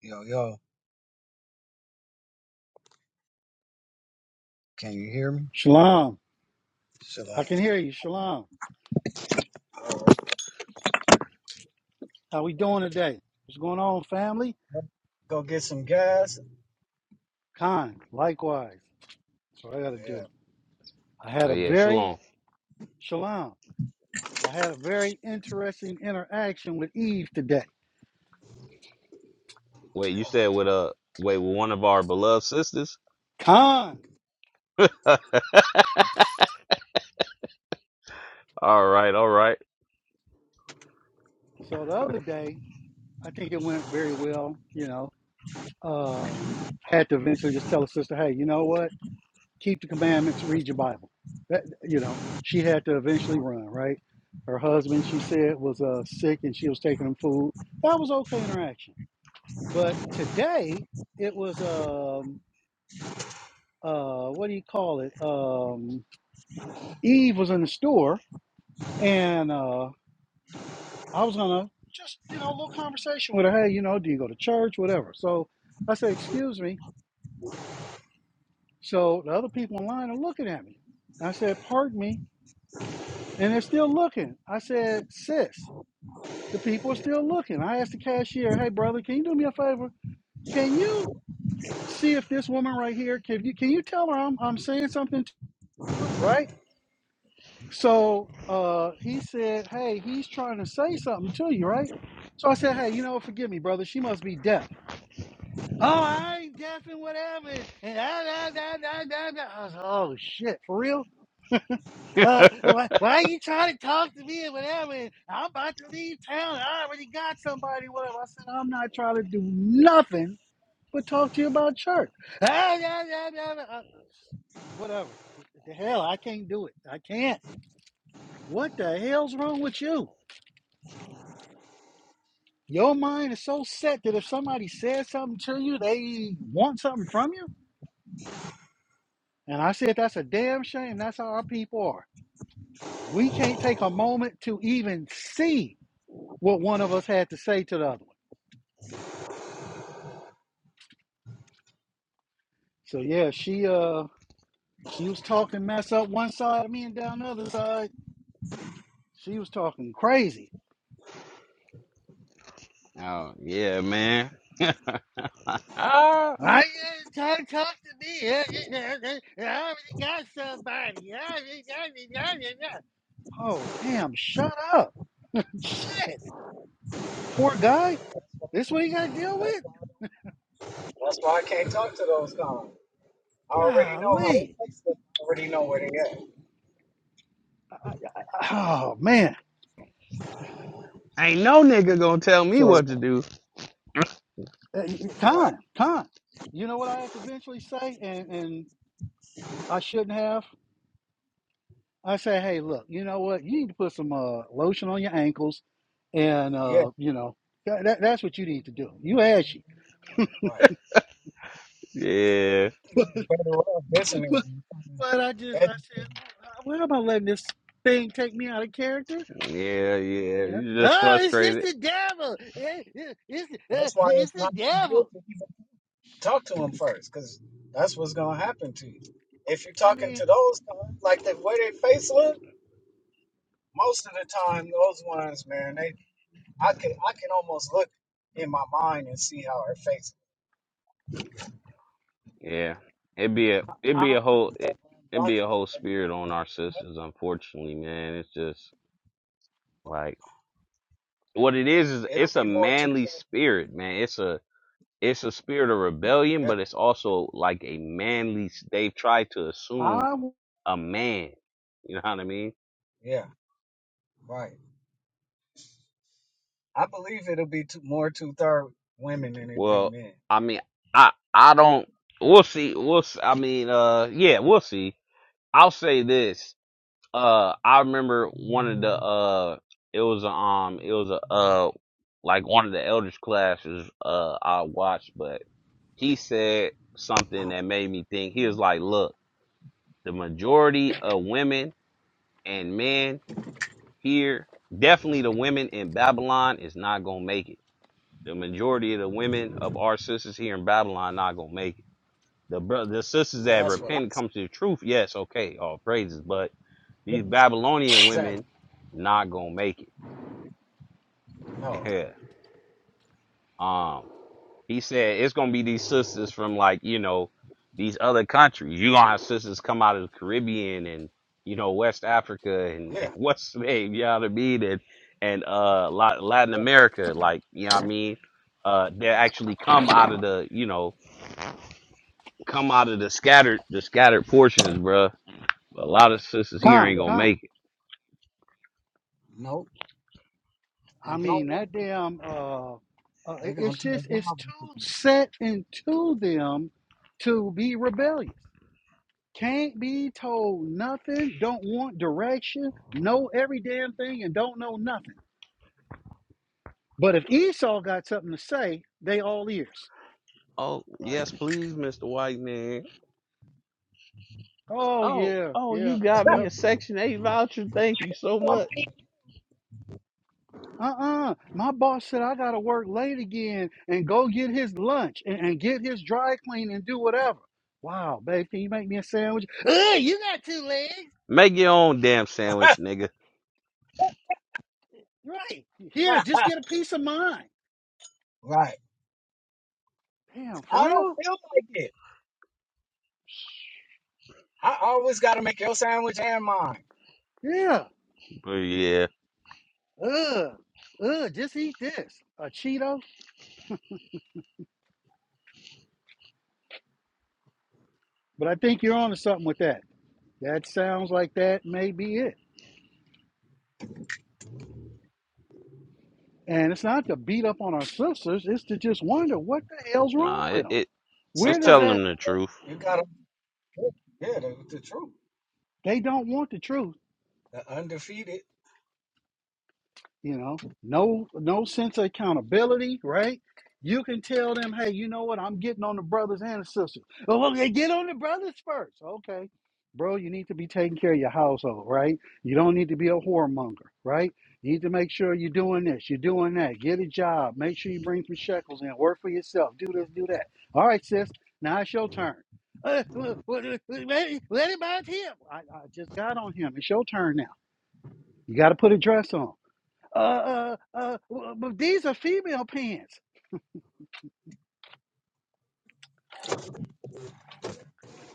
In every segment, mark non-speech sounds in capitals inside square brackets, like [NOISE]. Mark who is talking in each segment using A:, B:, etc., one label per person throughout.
A: Yo, yo, can you hear me?
B: Shalom. I
A: Shalom.
B: can hear you. Shalom. How we doing today? What's going on, family?
A: Go get some gas.
B: Kind. Likewise. That's what I got to
A: Yeah.
B: do. I had
C: Oh
B: a
C: yeah,
B: very
C: Shalom.
B: shalom. I had a very interesting interaction with Eve today.
C: Wait, you said with uh wait with one of our beloved sisters?
B: Kind.
C: [LAUGHS] all right, all right.
B: So the other day, I think it went very well. You know, um, had to eventually just tell a sister, hey, you know what? keep the commandments, read your Bible. That you know, she had to eventually run, right? Her husband, she said, was uh, sick and she was taking him food. That was okay interaction. But today it was um uh what do you call it? Um Eve was in the store and uh I was gonna just, you know, a little conversation with her, hey, you know, do you go to church? Whatever. So I said, excuse me. So the other people in line are looking at me. I said, pardon me. And they're still looking. I said, sis, The people are still looking. I asked the cashier, "Hey, brother, can you do me a favor? Can you see if this woman right here can you can you tell her I'm I'm saying something to her, right?" So uh, he said, "Hey, he's trying to say something to you, right?" So I said, "Hey, you know, forgive me, brother. She must be deaf." Oh, I ain't deaf and whatever. And I, I, I, I, I, da. I was, like, oh shit, for real?
C: [LAUGHS]
B: uh, why, why are you trying to talk to me and whatever? And I'm about to leave town. And I already got somebody, whatever. I said, I'm not trying to do nothing but talk to you about church. Ah, yeah, yeah, yeah, yeah. Uh, Whatever. The hell, I can't do it. I can't. What the hell's wrong with you? Your mind is so set that if somebody says something to you, they want something from you. And I said, that's a damn shame. That's how our people are. We can't take a moment to even see what one of us had to say to the other one. So yeah, she uh she was talking mess up one side of me and down the other side. She was talking crazy.
C: oh yeah, man. [LAUGHS] Ah,
B: I uh, talk, talk to me. Yeah, yeah, yeah, yeah, I already got somebody. I already got it, got got it. Oh damn! Shut up. Shit. Poor guy. This what he got to deal with?
A: That's why I can't talk to those cons. I already know how they
B: Golly.
A: fix it. I already know where they at.
B: I, I, I- oh man.
C: Ain't no nigga gonna tell me
A: This,
C: what
B: So
C: to do. [LAUGHS]
B: uh, y- y-
A: right.
B: con con. You know what I had to eventually say, and and I shouldn't have. I say, hey, look, you know what? You need to put some uh, lotion on your ankles, and
A: Yeah,
B: uh, you know that, that, that's what you need to do. You ashy,
A: right.
C: yeah,
B: [LAUGHS]
A: You
B: but,
A: better off listening.
B: but but I just
A: And
B: I said, why am I letting this thing take me out of character?
C: yeah, yeah.
B: You know,
C: You just
B: oh, it's just
C: frustrated.
B: the devil. It- it- it's uh,
A: That's why
B: it's
A: it's
B: the
A: not good
B: devil.
A: to even talk to them first, because that's what's gonna happen to you. If you're
B: I
A: talking
B: mean,
A: to those cons, like the way their face look, most of the time those ones, man, they I can I can almost look in my mind and see how her face
C: Yeah, it'd be a it'd be
B: I
C: a whole it, it'd be a whole spirit on our sisters. Unfortunately, man, it's just like what it is is
A: It'll
C: it's a
A: be more two.
C: manly spirit, man. It's a It's a spirit of rebellion,
A: Yeah,
C: but it's also like a manly. They've tried to assume
B: I
C: a man. You know what I mean?
A: yeah, right. I believe it'll be two, more two third women than it'll be
C: Well,
A: men.
C: I mean, I I don't. We'll see. We'll. s- I mean, uh, yeah, we'll see. I'll say this. Uh, I remember one of the uh, it was a, um, it was a uh, like one of the elders classes uh I watched, but he said something
A: Uh,
C: that made me think. He was like, "Look, the majority of women and men here. Definitely the women in Babylon is not gonna make it. The majority of the women of our sisters here in Babylon not gonna make it. The bro- the sisters that
A: that's what
C: repent
A: I'm
C: and come
A: saying.
C: to the truth, yes, okay, all praises. But these
A: Yes,
C: Babylonian
A: exactly.
C: women not gonna make it. [LAUGHS]
A: No.
C: Yeah. Um. He said it's gonna be these sisters from like you know these other countries. You gonna have sisters come out of the Caribbean and you know West Africa and,
A: Yeah.
C: and [LAUGHS] what's the name? You know what I mean? And and uh La- Latin
A: Yeah.
C: America, like you know what I mean? Uh, they actually
A: Yeah.
C: come out of the you know come out of the scattered the scattered portions, bruh. A lot of sisters here
B: con
C: ain't
A: yeah.
C: gonna
B: con.
C: make it.
A: No.
B: I
A: And don't
B: mean that
A: want.
B: damn. Uh, uh,
A: They're
B: it- it's
A: gonna tell
B: just
A: God
B: it's
A: what to
B: too
A: do.
B: set into them to be rebellious. Can't be told nothing, don't want direction, know every damn thing, and don't know nothing. But if Esau got something to say, they all ears.
C: Oh
A: Right.
C: yes, please, Mister White Man.
B: Oh,
C: Oh
B: yeah,
C: oh,
B: yeah,
C: you got me
B: yep.
C: a Section Eight voucher. Thank you so much.
B: Uh uh My boss said I got to work late again and go get his lunch and, and get his dry clean and do whatever. Wow, babe, can you make me a sandwich? Ugh, you got two legs.
C: Make your own damn
A: [LAUGHS]
C: sandwich, nigga.
B: Right. Here, just get a piece of mine.
A: right.
B: Damn, for
A: I don't
B: real?
A: feel like it. I always gotta make your sandwich and mine.
B: Yeah.
C: But yeah,
B: Ugh. Ugh, just eat this. A Cheeto? But I think you're onto something with that. That sounds like that may be it. And it's not to beat up on our sisters, it's to just wonder what the hell's wrong
C: nah,
B: with
C: it,
B: them.
C: it it's
B: Where does
C: telling
A: Sometimes
B: that,
C: them the truth.
A: you gotta. Yeah, the, the truth.
B: they don't want the truth.
A: The undefeated.
B: you know no no sense of accountability right you can tell them hey you know what i'm getting on the brothers and the sisters oh well, get on the brothers first okay bro you need to be taking care of your household right you don't need to be a whoremonger right you need to make sure you're doing this you're doing that get a job make sure you bring some shekels in work for yourself do this do that all right sis now it's your turn uh, well, well, let, it, let it by him I, I just got on him it's your turn now you got to put a dress on uh, uh, uh, but these are female pants.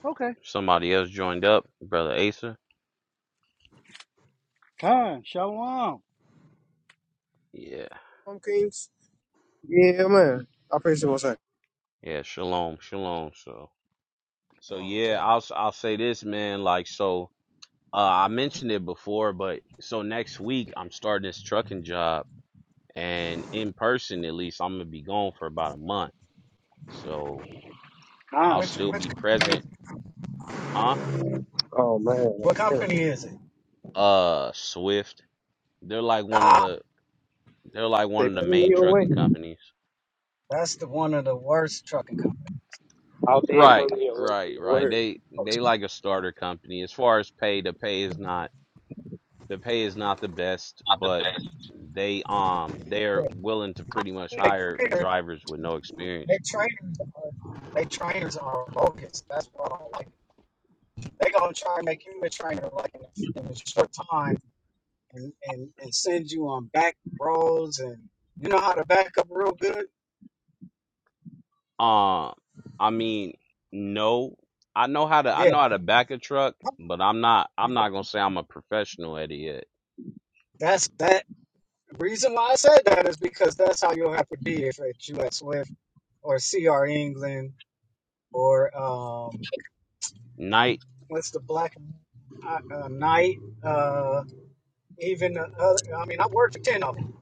B: Okay,
C: Somebody else joined up, brother Asa.
B: fine, shalom,
C: Yeah,
D: Tom Kings? Yeah, man. I praise the most high.
C: yeah, shalom, shalom. So, so
A: Oh,
C: yeah,
A: so
C: I'll s- I'll say this, man. Like, so uh, I mentioned it before, but so next week I'm starting this trucking job, and in person at least I'm gonna be gone for about a month. So
B: fine.
C: I'll
A: which
C: still
A: which?
C: be present, huh?
D: Oh, man.
A: What
D: Damn.
A: company is it?
C: Uh, Swift. They're like one of
A: Ah,
C: the they're like one
D: They
C: of the
D: pulling
C: main
D: you away.
C: trucking companies.
A: that's the one of the worst trucking
D: Out there
C: Right,
D: pulling you away from
C: right,
D: the
C: right.
D: word.
C: They
D: Oh,
C: they like a starter company. As far as pay, the pay is not the pay is not the best, but they um they're
A: companies.
C: willing to pretty much hire
A: They trainers,
C: drivers with no
A: they
C: experience.
A: trainers, are, they trainers are bogus. That's what I don't like They gonna try and make you a trainer like in a, in a short time and, and and send you on back roads and you know how to back up real good.
C: Um, I mean, no, I know how to I
A: Yeah,
C: know how to back a truck, but I'm not I'm not gonna say I'm a professional at it yet.
A: that's that. Reason why I said that is because that's how you'll have to be if at US Swift or CR England or um,
C: Night,
A: what's the black uh, uh, night, uh, even the other. I mean, I worked for ten of them,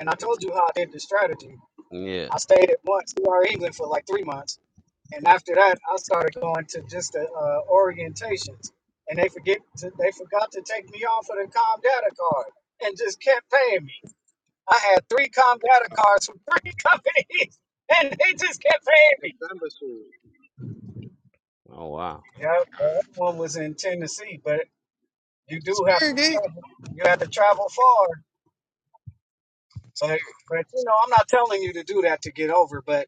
A: and I told you how I did the strategy.
C: yeah.
A: I stayed at once to our England for like three months, and after that, I started going to just the uh, orientations, and they forget to, they forgot to take me off of the Com Data card, and just kept paying me. I had three Com Data cards from three [LAUGHS] companies, and they just kept paying me.
D: November soon.
C: Oh wow.
A: Yeah, the other one was in Tennessee, but you do have to
D: Spirit gate.
A: travel. You have to travel far But but you know, I'm not telling you to do that to get over. But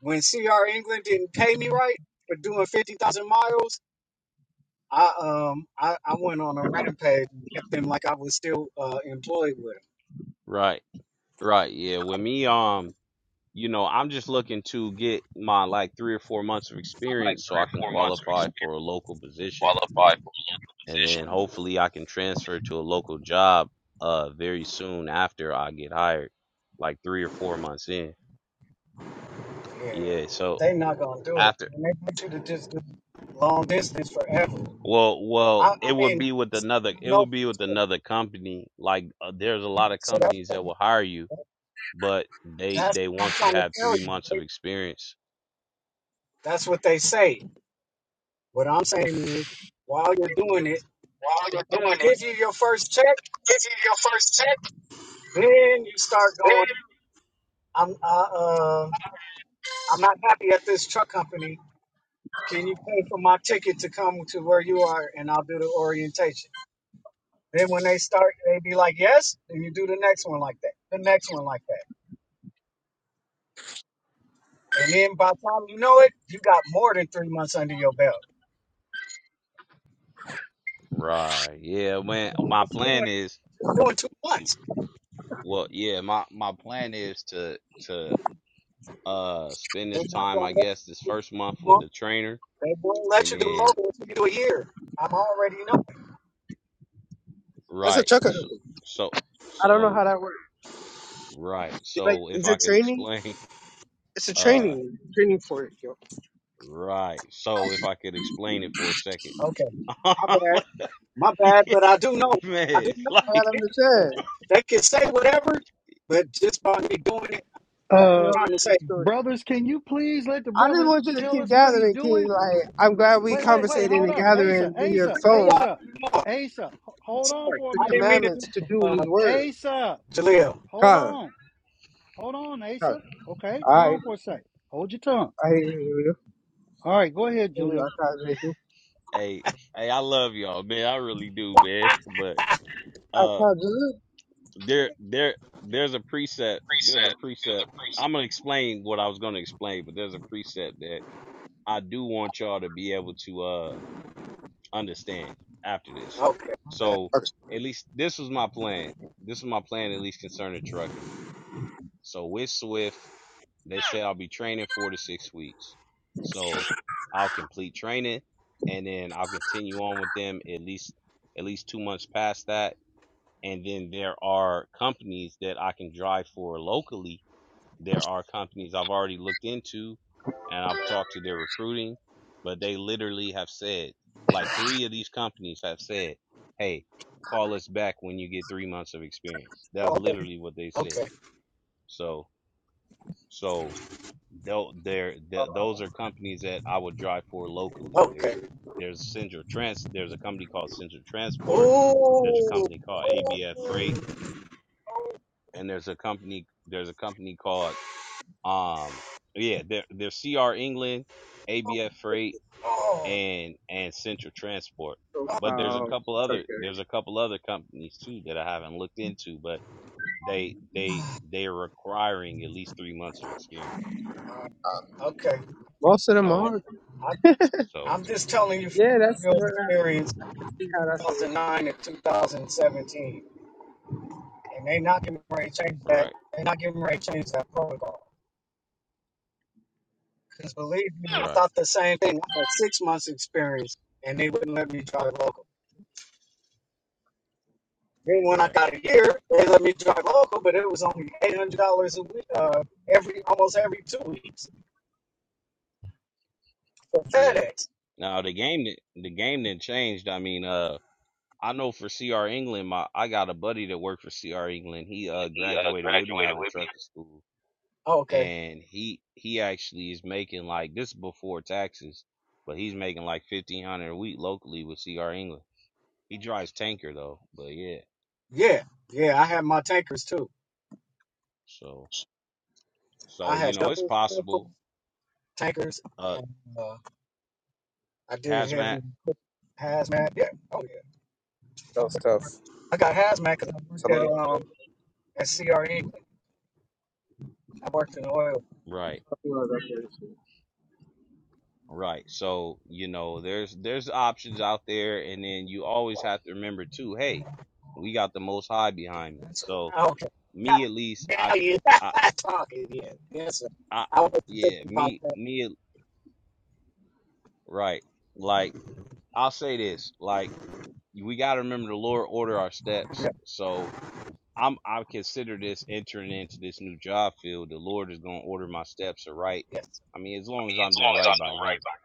A: when CR England didn't pay me right for doing fifty thousand miles, I um I, I went on a rampage and kept them like I was still uh, employed with
C: Right, right, yeah. With me, um. you know, I'm just looking to get my like three or four months of
D: Like
C: experience so
D: three
C: I
D: or
C: can
D: four months of
C: qualify
D: experience
C: for a local position.
D: qualified for
C: And then
D: position.
C: hopefully I can transfer to a local job uh very soon after I get hired, like three or four months in.
A: them. Yeah,
C: Yeah, so
A: they not gonna do it,
C: after
A: and they want you to just do long distance forever.
C: well,
A: I
C: well, it
A: I
C: would
A: mean,
C: be
A: I'm
C: with
A: just
C: another
A: saying I
C: it
A: know.
C: would be with
A: for
C: another company. Like uh, there's a
A: sure.
C: lot of
A: So that's
C: companies
A: what,
C: that will hire you, but they
A: that's
C: they
A: what I'm
C: want you to
A: trying to
C: have
A: tell
C: 3
A: you.
C: months
A: They,
C: of experience.
A: that's what they say. What I'm saying is, while you're doing it,
D: While you're
A: they don't
D: doing it,
A: give you your first check
D: this is your first check.
A: Then you start
D: man.
A: going, I'm uh, uh I'm not happy at this truck company. Can you pay for my ticket to come to where you are and I'll do the orientation? Then when they start, they be like, yes, and you do the next one like that, the next one like that. And then by the time you know it, you got more than three months under your belt.
C: Right. Yeah, man, my
A: Just doing,
C: plan is
A: just doing two months.
C: Well, yeah, my my plan is to to uh spend
A: They're
C: this
A: not
C: time,
A: gonna
C: I
A: let
C: guess, this
A: you do,
C: first month
A: they
C: with
A: won't
C: the trainer,
A: let
C: and
A: you do
C: then
A: local until you do a year. I'm already
D: That's a
C: right,
D: trucker.
C: so so,
D: I don't know
C: so
D: how that works.
C: right,
D: It's like,
C: so if
D: is
C: I
D: it
C: could
D: training?
C: explain,
D: It's a
C: [LAUGHS] uh,
D: training. Training for it, yo.
C: right, so if I could explain it for a second,
A: know. My
C: [LAUGHS]
A: bad. My bad,
C: Yeah,
A: but I do know. I do
C: man,
A: know
D: I
A: how
C: like,
D: gotta
A: it is. though.
D: understand.
A: They can say whatever, but just by me doing it,
D: Right, I
A: I'm
B: Uh,
D: know
A: trying to
D: the
A: say,
D: story.
B: brothers, can you please let the
D: I just
B: brother
D: want you to
B: tell
D: keep
B: us what he's
D: gathering, King.
B: doing?
D: Like, I'm glad we
B: Wait, wait, wait,
D: conversating
B: hold
D: and
B: up, Asa,
D: gathering via the
B: Asa,
A: reason why
D: phone.
A: I
B: Asa,
A: put them off.
B: Asa, h-
A: I'm
B: hold on
A: sorry.
B: for a
D: the
A: I
B: minute,
A: didn't mean to do
D: commandments to
A: that,
D: do
A: uh,
D: his word.
B: Asa,
A: Jaleel.
B: hold
D: Con,
B: on, hold on,
D: con.
B: Asa. Okay,
D: All
B: hold
D: right.
B: on for a sec. Hold your tongue.
D: I hear you.
B: All right, go ahead,
D: I hear you.
B: Jalil.
D: I can't make you.
C: hey, hey, I love y'all, man, I really do, man, [LAUGHS] but
D: I
C: uh,
D: can't do it.
C: there there there's a preset, there's a
D: Preset. You know,
C: preset.
D: the
C: I'm
D: preset.
C: gonna explain what I was gonna explain, but there's a preset that I do want y'all to be able to uh understand after this.
A: Okay, my bad.
C: So
D: Okay.
C: at least this was my plan. This was my plan at least concerning trucking. So with Swift, they said I'll be training four to six weeks. So I'll complete training and then I'll continue on with them at least at least two months past that. And then there are companies that I can drive for locally there are companies I've already looked into and I've talked to their recruiting, but they literally have said, like three of these companies have said, hey, call us back when you get three months of experience. That's
A: Oh, okay,
C: literally what they said.
A: okay,
C: So, so tho- there, those are companies that I would drive for locally.
A: okay.
C: There's, there's Central Trans, there's a company called Central Transport. There's a
A: Ooh, ooh,
C: company called ABF Freight
A: oh,
C: and there's a company, there's a company called Um, yeah, they're, they're CR England, ABF Freight,
A: oh,
C: and and Central Transport.
D: So,
C: But there's a
D: um,
C: couple
D: it's
C: other
D: okay.
C: there's a couple other companies too that I haven't looked into, but they they they're requiring at least three months of experience.
A: okay.
D: Most of them
C: So
D: are.
A: I,
C: so
A: I'm just telling you from
D: Yeah, that's
A: my real
D: where I,
A: experience,
D: I can see how that's an issue.
A: 2009 and 2017. And they not giving ready to change that.
C: right
A: they not giving ready to change that protocol. Because believe me, I
C: right
A: thought the same thing. I had six months experience and they wouldn't let me drive local. Then when I
C: right
A: got a year, they let
C: yeah
A: me drive local, but it was only eight hundred dollars a week, uh, every almost every two weeks for
C: yeah.
A: FedEx.
C: Now the game di- the game didn't changed. I mean uh. I know for CR England, my I got a buddy that worked for CR England. He uh
D: When he uh,
C: graduated with me
D: graduated
C: out of
D: with me.
C: trucker school,
A: Oh, okay,
C: and he he actually is making like this is before taxes, but he's making like fifteen hundred a week locally with CR England. He drives tanker though, but yeah.
A: yeah, yeah, I had my tankers too.
C: So
A: I
C: so you
A: had
C: know it's
A: doubles, triples,
C: possible.
A: tankers,
C: Uh,
A: and uh, I did
C: hazmat.
A: heavy hazmat. Yeah, oh yeah, I worked hard. I got hazmat because I worked
D: A
A: at
D: lot
C: Yeah.
D: of
A: um at CRE. I worked in oil.
C: Right.
D: people are issue. I
C: Right. So you know there's there's options out there, and then you always have to remember too. Hey, we got the Most High behind me.
A: That's,
C: So
A: Okay. Now,
C: me at least I
A: now you're
C: I
A: [LAUGHS] talking again. Yes, sir.
C: I
A: I was
C: yeah
A: thinking about
C: me
A: that.
C: me right like I'll say this like. we got to remember the Lord order our
A: Yeah.
C: steps. So I'm I consider this entering into this new job field. The Lord is going to order my steps right.
A: Yes.
C: I mean, as long as
D: mean,
C: I'm
D: as
C: doing
D: long as I
C: right
D: am
C: by
D: doing
C: Him.
D: right by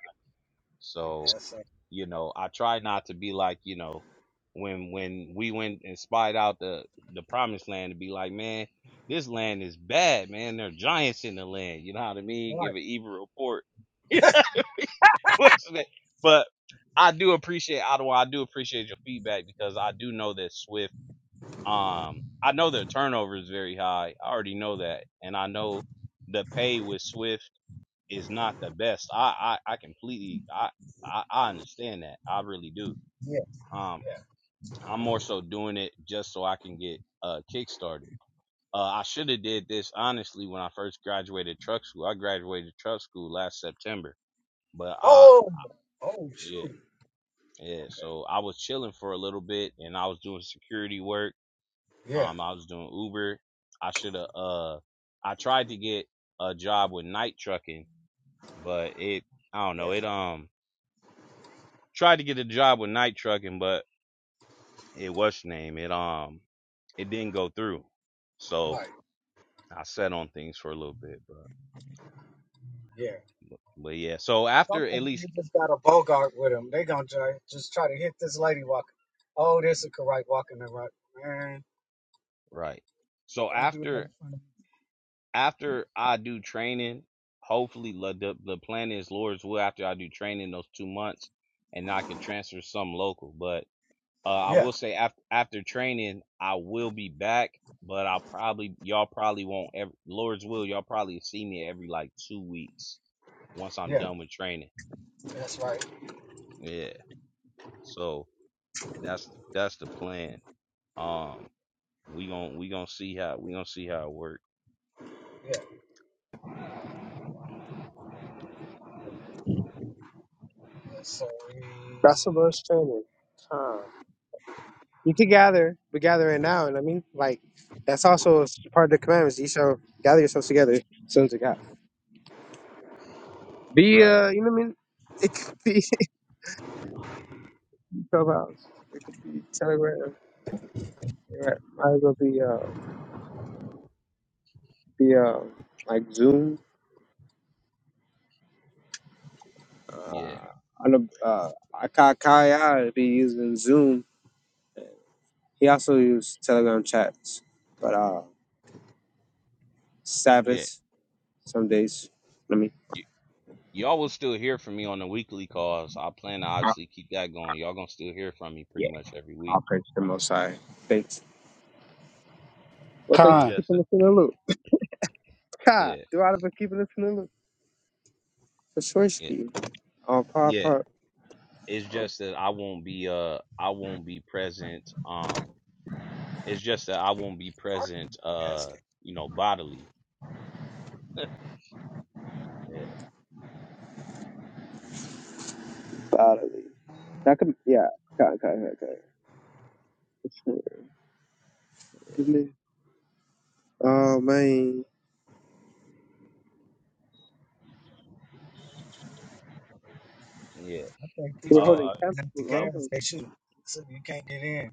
A: sir.
C: So
A: Yes, sir.
C: you know, I try not to be like you know when when we went and spied out the the promised land to be like, man, this land is bad, man. There are giants in the land. You know what I mean? Give
A: Right.
C: an evil report. [LAUGHS] What's that? But I do appreciate Ottawa. I do appreciate your feedback because I do know that Swift Um, I know their turnover is very high. I already know that, and I know the pay with Swift is not the best. I I, I completely I, I I understand that. I really do.
A: Yeah.
C: Um,
A: Yeah.
C: I'm more so doing it just so I can get uh kickstarted. Uh, I should have did this honestly when I first graduated truck school. I graduated truck school last September, but I
A: Oh. Oh,
C: yeah
A: shoot.
C: yeah.
A: Okay.
C: So I was chilling for a little bit, and I was doing security work
A: Yeah.
C: Um, I was doing Uber. I should have. Uh, I tried to get a job with night trucking, but it. I don't
A: Yeah.
C: know. It um tried to get a job with night trucking, but it what's your name. It um it didn't go through. So
A: Right.
C: I sat on things for a little bit, but
A: Yeah.
C: but yeah. So
A: Some
C: after
A: of
C: at
A: them,
C: least
A: you just got a Bogart with them. They gonna try, just try to hit this lady walking. Oh, there's a karate walking the right. Man,
C: right. So
A: don't do that
C: after
A: in front of
C: after I do training, hopefully la- the the plan is Lord's will after I do training those two months, and I can transfer some local, but. Uh, I
A: me. Yeah.
C: will say after after training, I will be back, but I'll probably y'all probably won't ever Lord's will y'all probably see me every like two weeks once I'm
A: Yeah.
C: done with training.
A: That's right.
C: Yeah, so that's that's the plan. Um, we gon' we gonna see how we gonna see how it works.
A: Yeah. That's So, we-
D: him. That's the most training. Con. You can gather, We gather it now. And I mean, like, that's also part of the commandments. You shall gather yourselves together, sons of God. Be
C: Right.
D: uh, you know what I mean? [LAUGHS] It could be [LAUGHS] Clubhouse. It could be Telegram. It might as well be uh, be uh, like Zoom.
C: Yeah.
D: Uh, I know uh, Kai Kaya be using Zoom. He also used Telegram chats, but uh,
C: Yeah.
D: Sabbath some days. Let me.
C: Y- y'all will still hear from me on the weekly calls. I plan to obviously keep that going. Y'all gonna still hear from me pretty much every week.
D: I'll praise the Most High. Thanks. Well, thanks
C: It's
D: for
B: Khan,
C: just
D: keeping us in the loop. Kai,
C: yeah.
D: do I ever keeping us in the loop? For sure,
C: Yeah.
D: ski. Oh, part
C: Yeah.
D: part
C: It's just that I won't be uh I won't be present. Um, it's just that I won't be
A: pardon me.
C: present.
A: Yes.
C: Uh, you know, bodily. [LAUGHS] Yeah,
D: bodily. That could yeah. Kai Kai Kai Kai. For
C: yeah,
D: sure. Oh man,
C: yeah.
A: I think these
D: we're
A: people
D: holding
C: Uh,
D: camp.
A: parking at the
C: uh,
D: Wow.
A: gas they shoot, so you can't get in,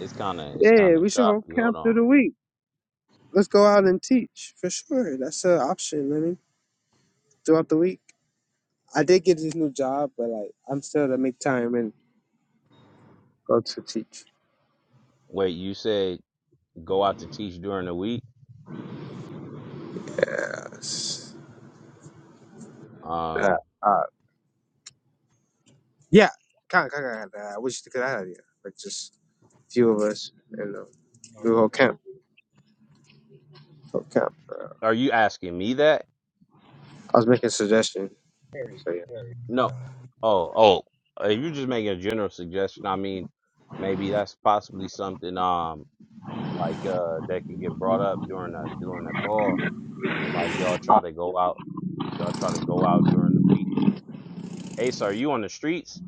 C: it's kind of it's
D: Yeah,
C: kind of
D: we should hold
C: choppy. Hold
D: camp through
C: on.
D: the week. Let's go out and teach for sure. That's an option. I mean, throughout the week. I did get this new job, but like I'm still to make time and go to teach.
C: Wait, you said go out to teach during the week?
D: Yes. Uh,
C: Um,
D: uh, yeah. Kind of, kind of. I wish you could have idea. Like just a few of us and um,
A: or
D: we
A: you
D: hold
A: got
D: camp. Hold camp. Uh,
C: are you asking me that?
D: I was making a suggestion.
A: very,
D: So yeah,
A: very.
C: No. Oh, oh. uh, If you're just making a general suggestion, I mean, maybe that's possibly something um like uh that could get brought up during a during a call Like y'all try to go out, y'all try to go out during the week. Ace, are you on the streets?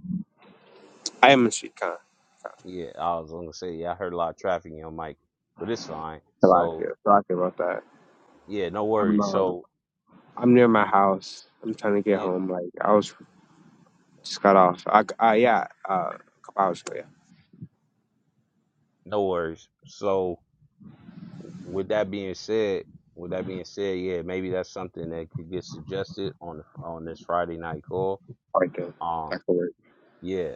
D: I am in street kind.
C: Yeah, I was gonna say, yeah, I heard a lot of traffic in your mic, but it's fine.
D: I like
C: So
D: it. I like it about that.
C: yeah, no
D: I'm.
C: worries.
D: um,
C: So
D: I'm near my house. I'm trying to get
C: yeah,
D: home. Like I was just got off. I uh, yeah, uh, a couple hours ago. Yeah,
C: no worries. So with that being said, with that being said, yeah, maybe that's something that could get suggested on on this Friday night call.
D: right there.
C: Um,
D: that could work.
C: yeah,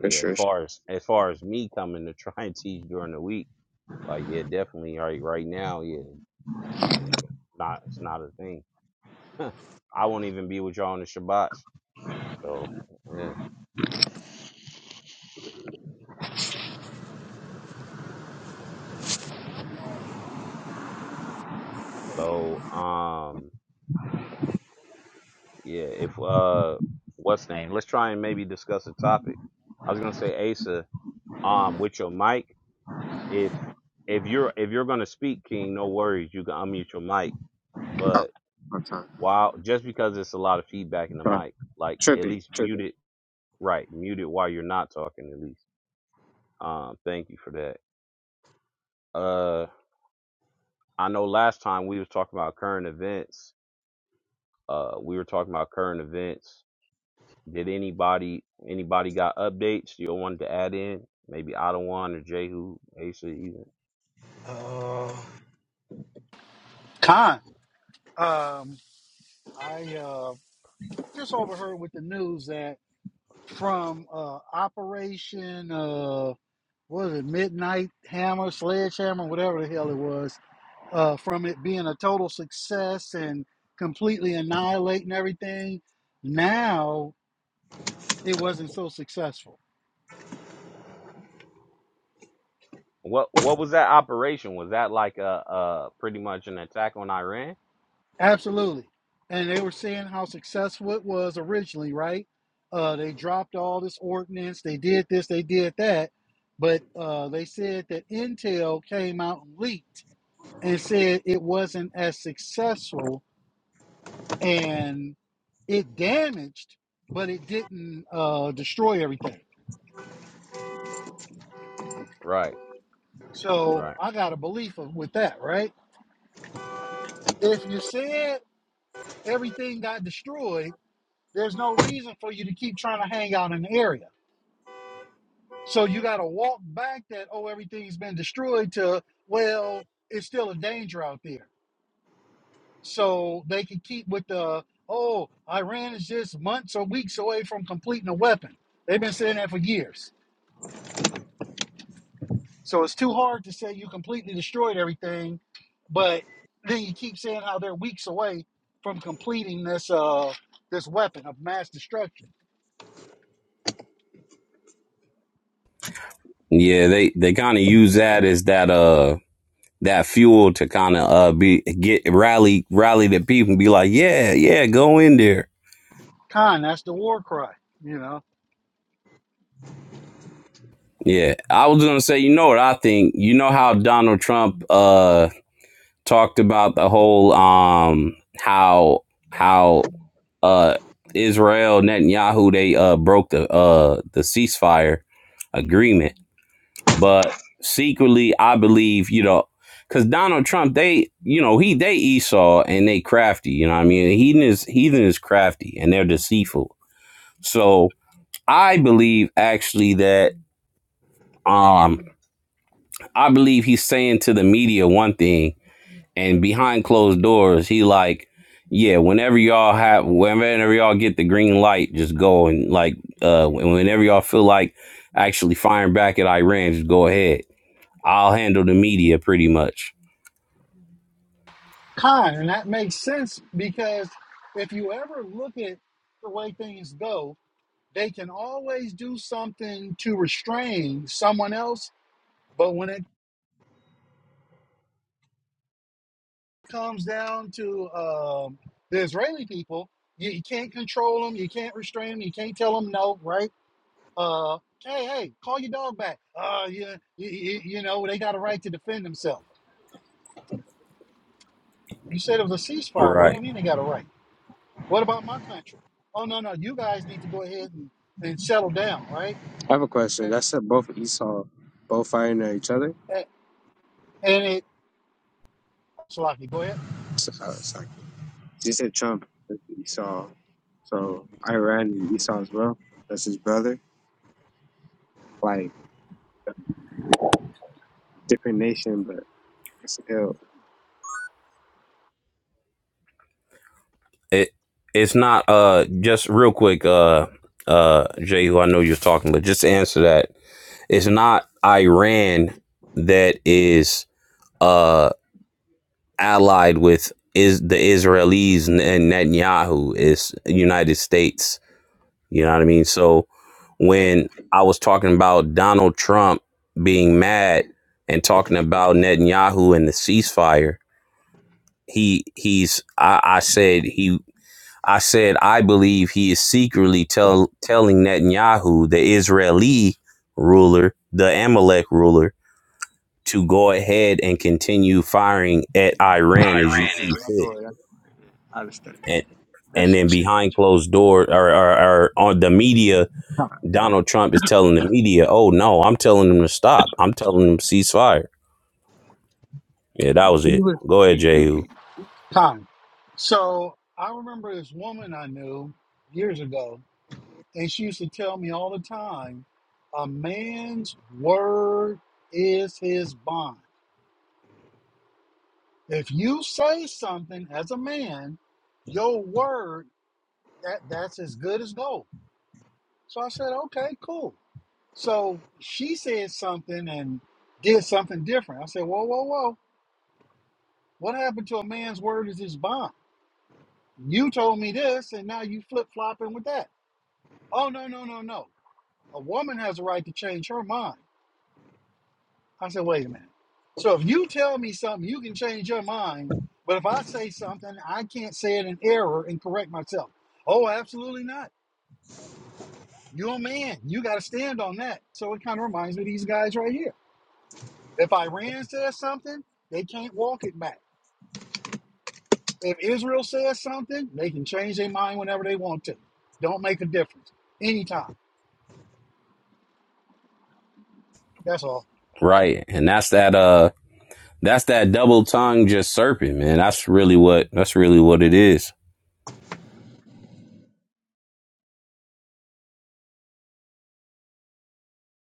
D: For
C: As
D: sure.
C: far as as far as me coming to try and teach during the week. Like, yeah, definitely. Right, right now, yeah, it's not gonna be a, not. It's not a thing. [LAUGHS] I won't even be with y'all on the Shabbats. So yeah. So um yeah. If uh, what's name? Let's try and maybe discuss a topic. I was gonna say Asa. Um, with your mic, if if you're if you're gonna speak, King, no worries. You can unmute your mic.
D: Oh,
C: But
D: my time.
C: while just because it's a lot of feedback in the
D: Sorry.
C: mic, like at
D: Trippy,
C: least mute
D: trippy.
C: it right. Mute it while you're not talking, at least. Um, thank you for that. Uh, I know last time we was talking about current events. Uh, we were talking about current events. Did anybody anybody got updates you wanted to add in? Maybe Ottawa or Jehu, Asa even.
A: Uh,
B: Khan. Um, I uh just overheard with the news that. from uh, Operation, uh, what was it, Midnight Hammer, Sledgehammer, whatever the hell it was, uh, from it being a total success and completely annihilating everything, now it wasn't so successful.
C: What what was that operation? Was that like a uh pretty much an attack on Iran?
B: Absolutely. And they were seeing how successful it was originally, right? Uh, they dropped all this ordinance, they did this, they did that. But uh, they said that Intel came out and leaked and said it wasn't as successful and it damaged, but it didn't uh, destroy everything.
C: Right,
B: So
C: right.
B: I got a belief of, with that, right? If you said everything got destroyed, there's no reason for you to keep trying to hang out in the area. So you got to walk back that, oh, everything's been destroyed to, well, it's still a danger out there. So they can keep with the, oh, Iran is just months or weeks away from completing a weapon. They've been saying that for years So it's too hard to say you completely destroyed everything, but then you keep saying how they're weeks away from completing this uh this weapon of mass destruction.
C: Yeah, they they kind of use that as that uh that fuel to kind of uh be get rally rally the people and be like, yeah, yeah, go in there.
B: Khan, that's the war cry, you know.
C: Yeah, I was gonna say, you know what I think? You know how Donald Trump uh talked about the whole um how how uh Israel Netanyahu they uh broke the uh the ceasefire agreement, but secretly I believe you know because Donald Trump they you know he they Esau and they crafty you know what I mean heathen is heathen is crafty and they're deceitful so I believe actually that um I believe he's saying to the media one thing, and behind closed doors, he like, yeah, whenever y'all have, whenever y'all get the green light, just go and like, uh, whenever y'all feel like actually firing back at Iran, just go ahead. I'll handle the media pretty much.
B: Khan, and that makes sense because if you ever look at the way things go, they can always do something to restrain someone else, but when it comes down to um, the Israeli people, you, you can't control them, you can't restrain them, you can't tell them no, right? Uh, hey, hey, call your dog back. Uh, yeah, you, you, you know they got a right to defend themselves. You said it was a ceasefire. What do
C: Right.
B: you mean they got a right? What about my country? Oh no, no, you guys need to go ahead and, and settle down, right?
D: I have a question. That said, both Esau, both fighting at each other.
B: A- And it, Salaki, go ahead.
D: So, uh, sorry. You said Trump, is Esau. So Iran and Esau as well. That's his brother. Like a different nation, but still.
C: It it's not uh just real quick uh uh Jay who I know you're talking, but just to answer that, it's not Iran that is uh allied with is the Israelis and Netanyahu is United States. You know what I mean? So when I was talking about Donald Trump being mad and talking about Netanyahu and the ceasefire, he he's I, I said he I said I believe he is secretly tell telling Netanyahu, the Israeli ruler, the Amalek ruler, to go ahead and continue firing at Iran as you
D: Iran
C: see
D: is
C: and and then behind closed doors or, or, or on the media, Donald Trump is telling the media, "Oh no, I'm telling them to stop. I'm telling them ceasefire." Yeah, that was it. Go ahead, Jehu.
B: Time. So I remember this woman I knew years ago, and she used to tell me all the time, a man's word is his bond. If you say something as a man, your word that that's as good as gold. So I said, okay, cool. So she said something and did something different. I said, whoa, whoa, whoa. What happened to a man's word is his bond? You told me this, and now you flip flopping with that. Oh no, no, no, no. A woman has a right to change her mind. I said, wait a minute. So if you tell me something, you can change your mind. But if I say something, I can't say it in error and correct myself. Oh, absolutely not. You're a man. You got to stand on that. So it kind of reminds me of these guys right here. If Iran says something, they can't walk it back. If Israel says something, they can change their mind whenever they want to. Don't make a difference. Anytime. That's all.
C: Right, and that's that. Uh, that's that double tongue just serpent, man. That's really what. That's really what it is.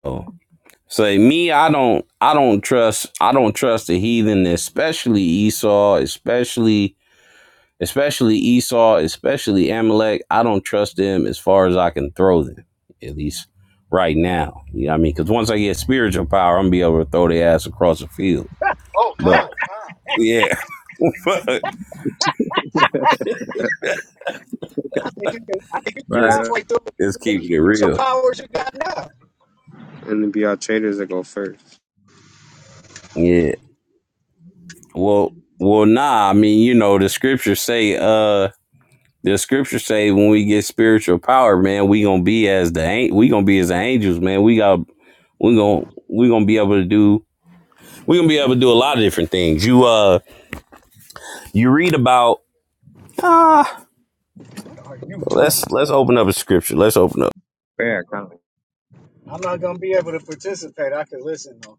C: So, say me, I don't. I don't trust. I don't trust the heathen, especially Esau, especially especially Esau, especially Amalek. I don't trust them as far as I can throw them, at least right now. You know what I mean? Because once I get spiritual power, I'm gonna be able to throw their ass across the field.
B: Oh,
C: But
B: Khan, Khan.
C: yeah, [LAUGHS] but
A: I think you can. I think you
D: Right.
A: can
C: just
D: uh,
A: halfway through do
C: just keep
A: that
C: it
A: with your
C: real.
A: powers you got now.
D: And it'd be our traders that go first.
C: Yeah. Well, well, nah. I mean, you know, the scriptures say, uh, the scriptures say when we get spiritual power, man, we gonna be as the an- we gonna be as the angels, man. We got we gonna we gonna be able to do We're gonna be able to do a lot of different things. You uh you read about ah
A: What are you
C: let's
A: doing?
C: let's open up a scripture. Let's open up.
D: Yeah, kind of.
A: I'm not gonna be able to participate. I can listen though.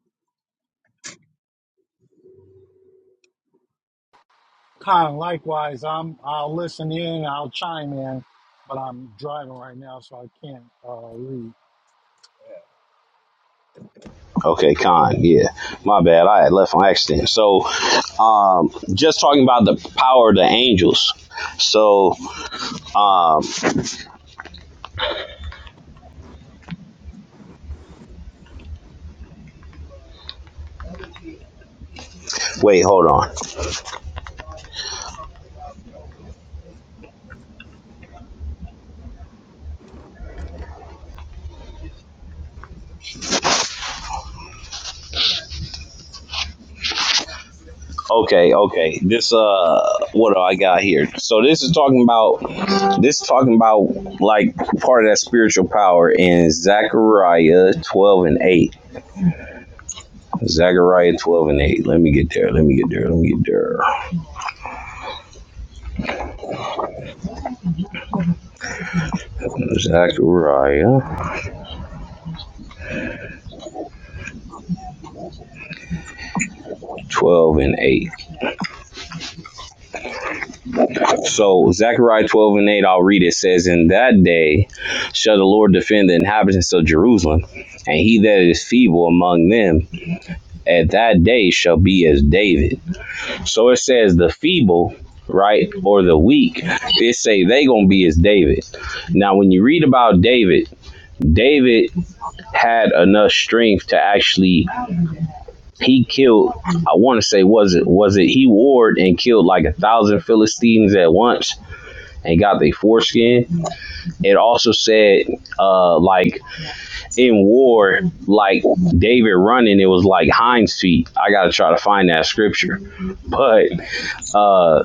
B: Kyle, likewise, I'm, I'll listen in, I'll chime in, but I'm driving right now, so I can't uh, read.
C: Okay, Con, yeah. My bad. I had left on accident. So um just talking about the power of the angels. So um wait, hold on. Okay, okay. This uh what do I got here? So this is talking about this is talking about like part of that spiritual power in Zechariah twelve and eight. Zechariah 12 and 8. Let me get there. Let me get there. Let me get there. Zechariah 12 and 8. So, Zechariah 12 and 8, I'll read it. It Says, In that day shall the Lord defend the inhabitants of Jerusalem, and he that is feeble among them at that day shall be as David. So it says, The feeble right or the weak they say they gonna be as david now when you read about david david had enough strength to actually he killed i want to say was it was it he ward and killed like a thousand philistines at once and got their foreskin it also said uh like in war like david running it was like hinds feet i gotta try to find that scripture but uh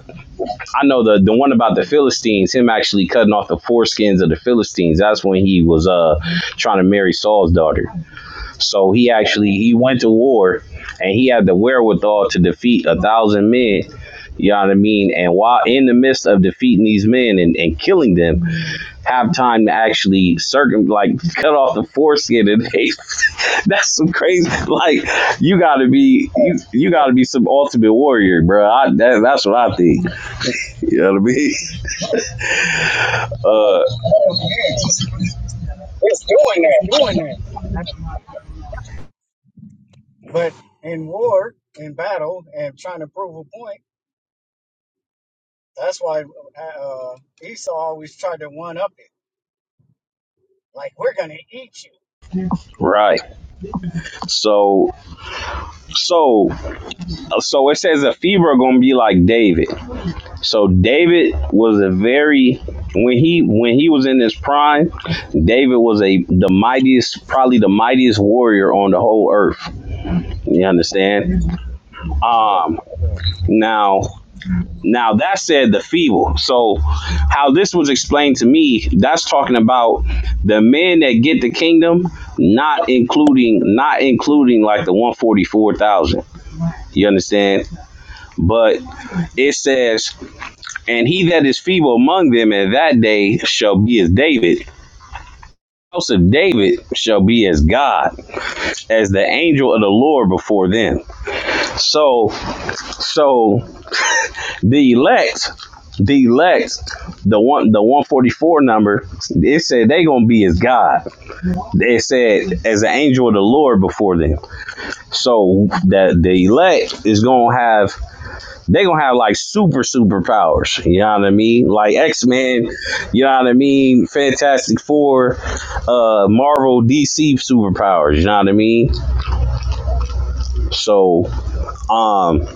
C: i know the the one about the philistines him actually cutting off the foreskins of the philistines that's when he was uh trying to marry saul's daughter so he actually he went to war, and he had the wherewithal to defeat a thousand men. You know what I mean? And while in the midst of defeating these men and, and killing them, have time to actually circum like cut off the foreskin and they, [LAUGHS] that's some crazy like you gotta be you, you gotta be some ultimate warrior, bro. I, that, that's what I think. You know what I mean? Uh,
A: Oh, man, yeah, just, just doing that. I- But in war, in battle, and trying to prove a point, that's why uh, Esau always tried to one up it. Like we're gonna eat
C: right. So so so it says that FIBA gonna be like David. So David was a very when he when he was in his prime, David was a the mightiest, probably the mightiest warrior on the whole earth. You understand? Um
A: you.
C: now now that said the feeble. So how this was explained to me, that's talking about the men that get the kingdom, not including not including like the 144,000. You understand? But it says And he that is feeble among them at that day shall be as David. The House of David shall be as God, as the angel of the Lord before them. So, so the elect, the elect, the one, the one forty four number, it said they gonna be as God. It said as the angel of the Lord before them. So that the elect is gonna have they gonna have like super superpowers. You know what I mean? Like X Men, you know what I mean? Fantastic Four, uh, Marvel, DC superpowers. You know what I mean? So, um,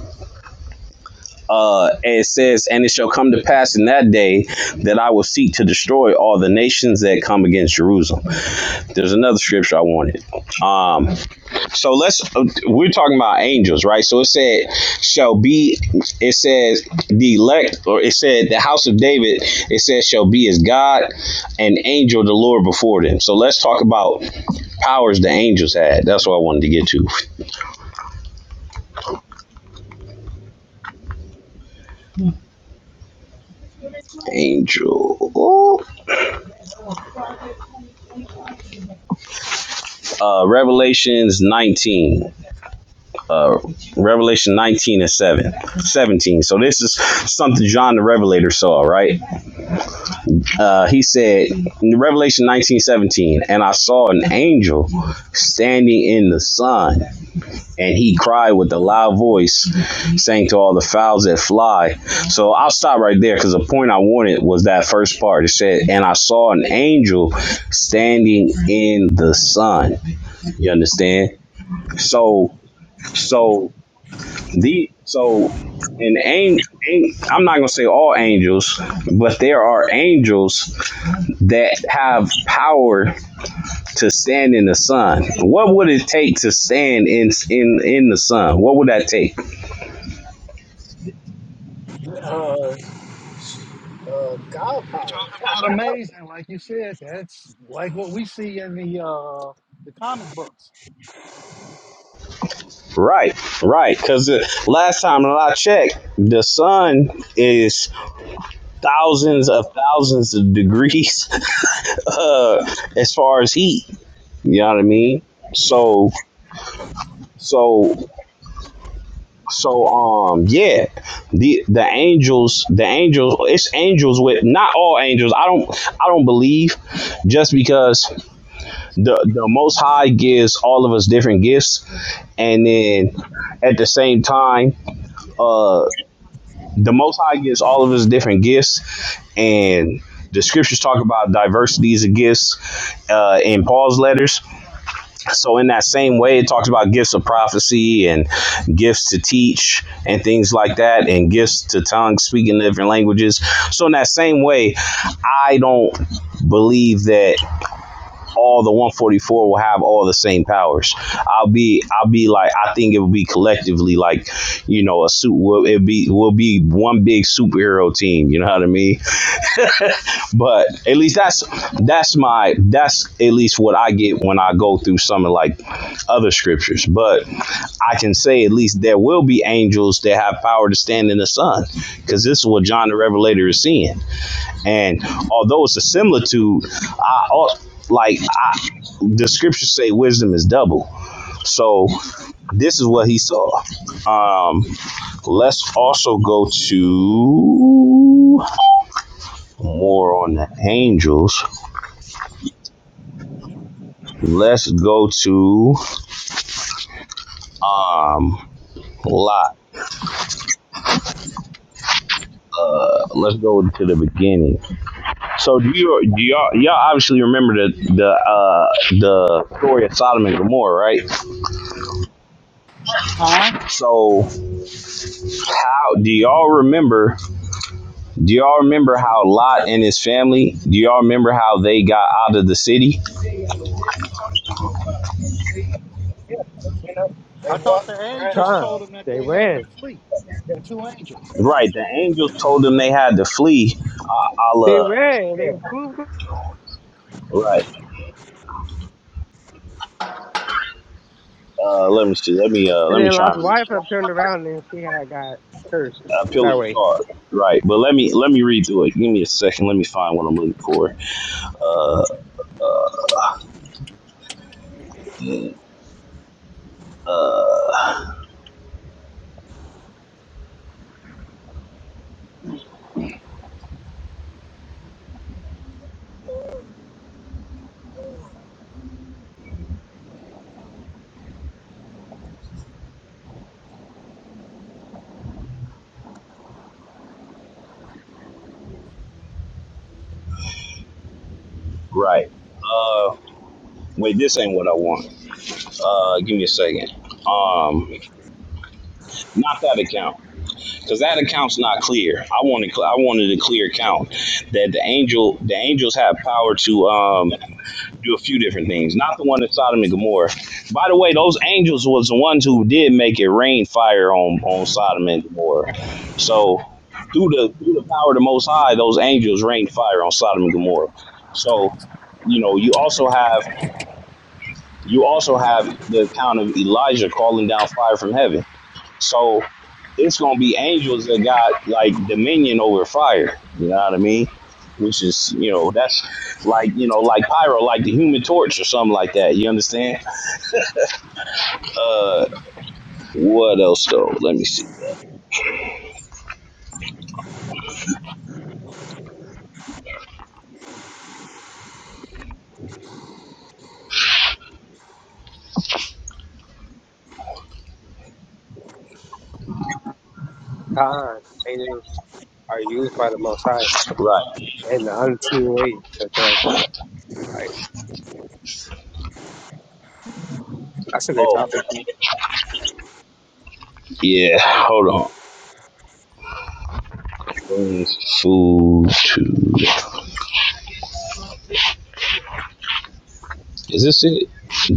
C: uh, it says, and it shall come to pass in that day that I will seek to destroy all the nations that come against Jerusalem. There's another scripture I wanted. Um, So let's we're talking about angels, right? So it said shall be it says the elect or it said the house of David, it says shall be as God and angel the Lord before them. So let's talk about powers the angels had. That's what I wanted to get to. Angel. Uh Revelations 19. Uh Revelation 19 and 7. 17. So this is something John the Revelator saw, right? uh, he said in revelation 19:17, and i saw an angel standing in the sun and he cried with a loud voice saying to all the fowls that fly so i'll stop right there because the point i wanted was that first part it said and i saw an angel standing in the sun you understand so so the so an angel, I'm not gonna say all angels, but there are angels that have power to stand in the sun. What would it take to stand in in in the sun? What would that take?
A: Yeah. uh, God
B: You're
A: power.
B: talking about amazing, like you said. That's like what we see in the uh, the comic books.
C: Right, right. Because the last time that I checked, the sun is thousands of thousands of degrees [LAUGHS] uh, as far as heat. You know what I mean? So so So um yeah, the the angels the angels it's angels with not all angels. I don't I don't believe just because the the Most High gives all of us different gifts, and then at the same time, uh, the Most High gives all of us different gifts, and the scriptures talk about diversities of gifts uh, in Paul's letters. So in that same way, it talks about gifts of prophecy and gifts to teach and things like that, and gifts to tongues, speaking different languages. So in that same way, I don't believe that all the 144 will have all the same powers. I'll be I'll be like I think it will be collectively like you know a suit will it be will be one big superhero team. You know what I mean? But at least that's that's my that's at least what I get when I go through some of like other scriptures. But I can say at least there will be angels that have power to stand in the sun, because this is what John the Revelator is seeing. And although it's a similitude, I like I, the scriptures say wisdom is double. So this is what he saw. Um, let's also go to more on the angels. Let's go to um Lot. Let's go to the beginning. So do you do y'all y'all obviously remember the the uh the story of Sodom and Gomorrah, right?
B: Kyle,
C: So how do y'all remember do y'all remember how Lot and his family do y'all remember how they got out of the city?
A: Yeah, but, you know, they
B: I
A: walk.
B: thought the
A: Right,
B: angels
A: uh,
D: Time.
B: told them that
D: They
B: they had
D: ran.
B: to flee,
A: yeah,
B: the two angels.
C: Right, the angels told them they had to flee. Uh,
D: They
C: Allah,
D: ran. They
A: yeah,
D: flew. flew,
C: right. Uh, let me see. Let me uh
D: And
C: let me
D: then
C: try
D: Lot's
C: and
D: wife had turned around and she had got cursed that
C: appealing
D: way.
C: card. Right, but let me let me read through it. Give me a second. Let me find what I'm looking for. Uh, uh, right. Uh, wait, this ain't what I want. Uh, give me a second. Um, not that account, because that account's not clear. I wanted I wanted a clear account that the angel the angels have power to um do a few different things. Not the one in Sodom and Gomorrah. By the way, those angels was the ones who did make it rain fire on, on Sodom and Gomorrah. So through the through the power of the Most High, those angels rained fire on Sodom and Gomorrah. So you know you also have you also have the account of Elijah calling down fire from heaven. So it's gonna be angels that got like dominion over fire. You know what I mean? Which is, you know, that's like, you know, like pyro, like the human torch or something like that. You understand? Uh, what else though? Let me see.
D: The angels are right
C: Right.
D: and the unseen way. as well. i like. That's a great
C: Oh,
D: topic.
C: yeah. Hold on. Brings food to. Is this it?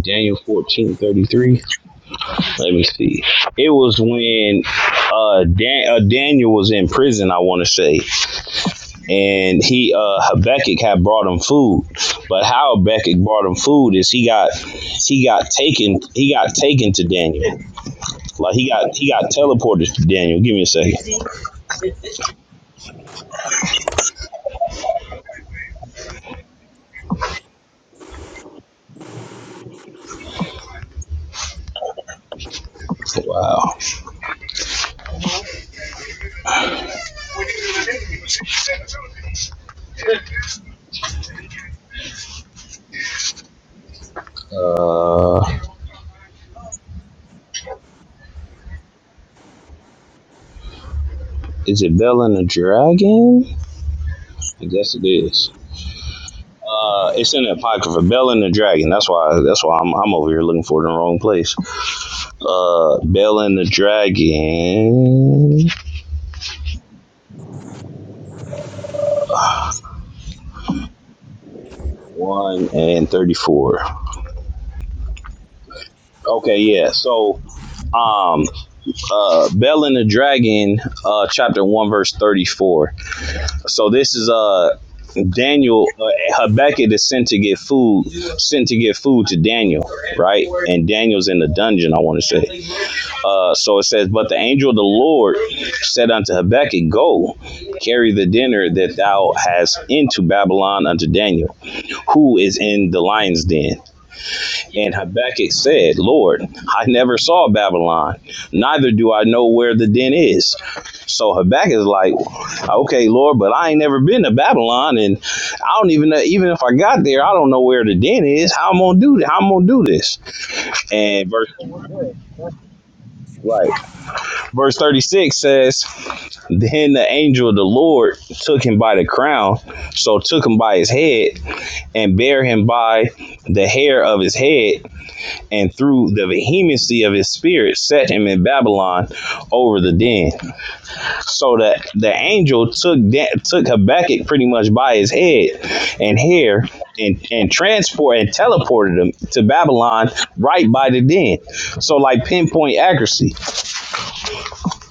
C: Daniel fourteen thirty three. Let me see. It was when uh, Dan- uh Daniel was in prison. I want to say and he uh Habakkuk had brought him food. But how Habakkuk brought him food is he got he got taken he got taken to Daniel. Like he got he got teleported to Daniel. Give me a second. Wow. Uh is it Bell and the Dragon? I guess it is. Uh, it's in the apocrypha, Bell and the Dragon. That's why. That's why I'm, I'm over here looking for it in the wrong place. Uh, Bell and the Dragon one and thirty four. Okay, yeah. So, um, uh, Bell and the Dragon, uh, chapter one, verse thirty four. So this is uh Daniel uh, Habakkuk is sent to get food, sent to get food to Daniel, right? And Daniel's in the dungeon, I want to say. Uh, so it says, But the angel of the Lord said unto Habakkuk, Go, carry the dinner that thou hast into Babylon unto Daniel, who is in the lion's den. And Habakkuk said, Lord, I never saw Babylon, neither do I know where the den is. So Habakkuk is like, okay, Lord, but I ain't never been to Babylon, and I don't even know, even if I got there, I don't know where the den is. How I'm gonna do this? How I'm gonna do this? And verse
A: oh, we're good. That's
C: right, verse 36 says, Then the angel of the Lord took him by the crown, so took him by his head, and bare him by the hair of his head, and through the vehemency of his spirit set him in Babylon over the den. So that the angel took da- took Habakkuk pretty much by his head and hair and and transport and teleported him to Babylon right by the den. So like pinpoint accuracy.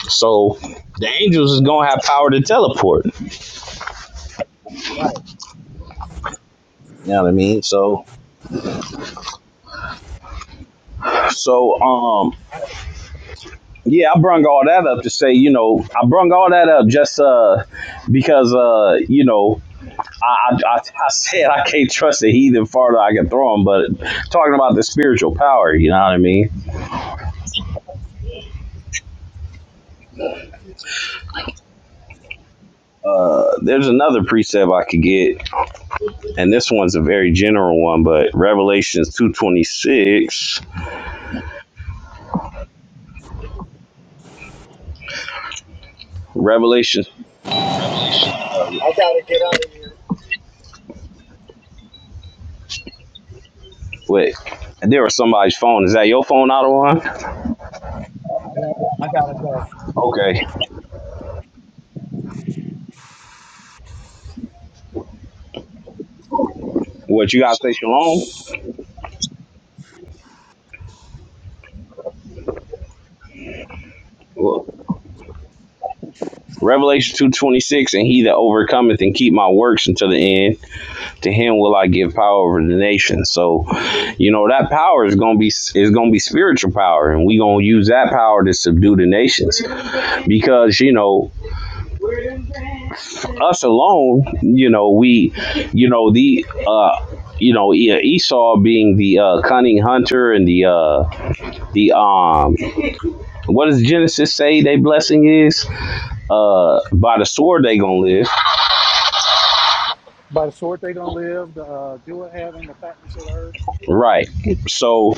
C: So the angels is
A: uh,
C: gonna have power to teleport. You
A: right.
C: know what I mean? So so um
A: I,
C: yeah, I brung all that up to say, you know, I brung all that up just uh because uh, you know, I, I, I, said I can't trust the heathen farther I can throw him, but talking about the spiritual power, you know what I mean? Uh, there's another precept I could get, and this one's a very general one, but Revelations 2.26, Revelation, uh,
A: I gotta get out of here.
C: wait, there was somebody's phone. Is that your phone, Ottawa?
A: Yeah, I gotta go.
C: Okay. What, you got to say shalom? Well, Revelation 2.26, and he that overcometh and keep my works until the end, to him will I give power over the nation. So, you know, that power is gonna be is gonna be spiritual power, and we gonna use that power to subdue the nations, because you know, us alone, you know, we, you know, the, uh, you know, E- Esau being the uh, cunning hunter and the, uh, the, um, what does Genesis say? They blessing is, uh, by the sword they gonna live.
B: By the sword they gonna live, the uh, do it having the fatness of the earth.
C: Right. So,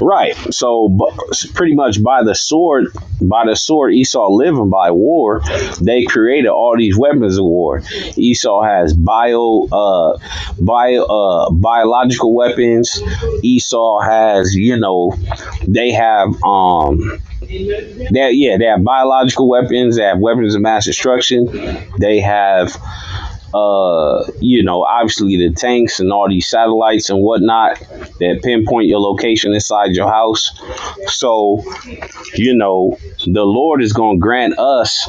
C: right. So, bu- pretty much by the sword, by the sword Esau living by war, they created all these weapons of war. Esau has bio, uh, bio, uh, biological weapons. Esau has, you know, they have, um, they yeah, they have biological weapons. They have weapons of mass destruction. They have uh, you know, obviously the tanks and all these satellites and whatnot that pinpoint your location inside your house. So, you know, the Lord is going to grant us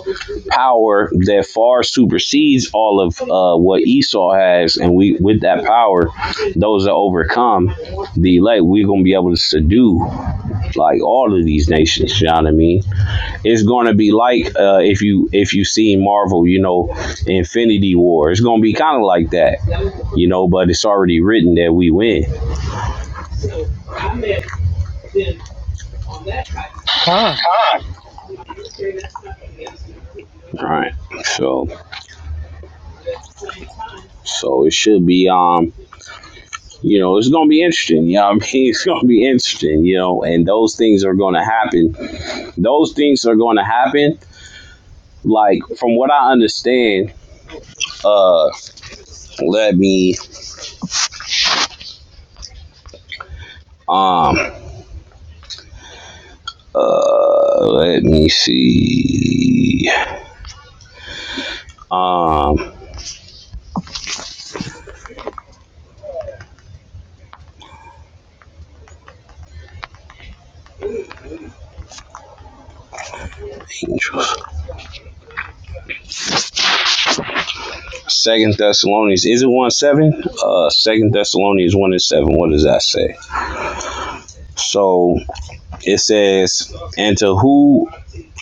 C: power that far supersedes all of uh, what Esau has. And we, with that power, those that overcome the elect, we're going to be able to subdue like all of these nations. You know what I mean? it's going to be like uh, if you if you see Marvel, you know, Infinity War. It's going to be kind of like that, you know. But it's already written that we win.
B: Khan,
C: All right, So so it should be um you know it's gonna be interesting. You know what I [LAUGHS] mean? It's gonna be interesting, you know, and those things are gonna happen. Those things are gonna happen. Like from what I understand, uh let me um Uh, let me see. Um, Angels. Second Thessalonians. Is it one seven? Uh, Second Thessalonians one and seven. What does that say? So it says, "And to who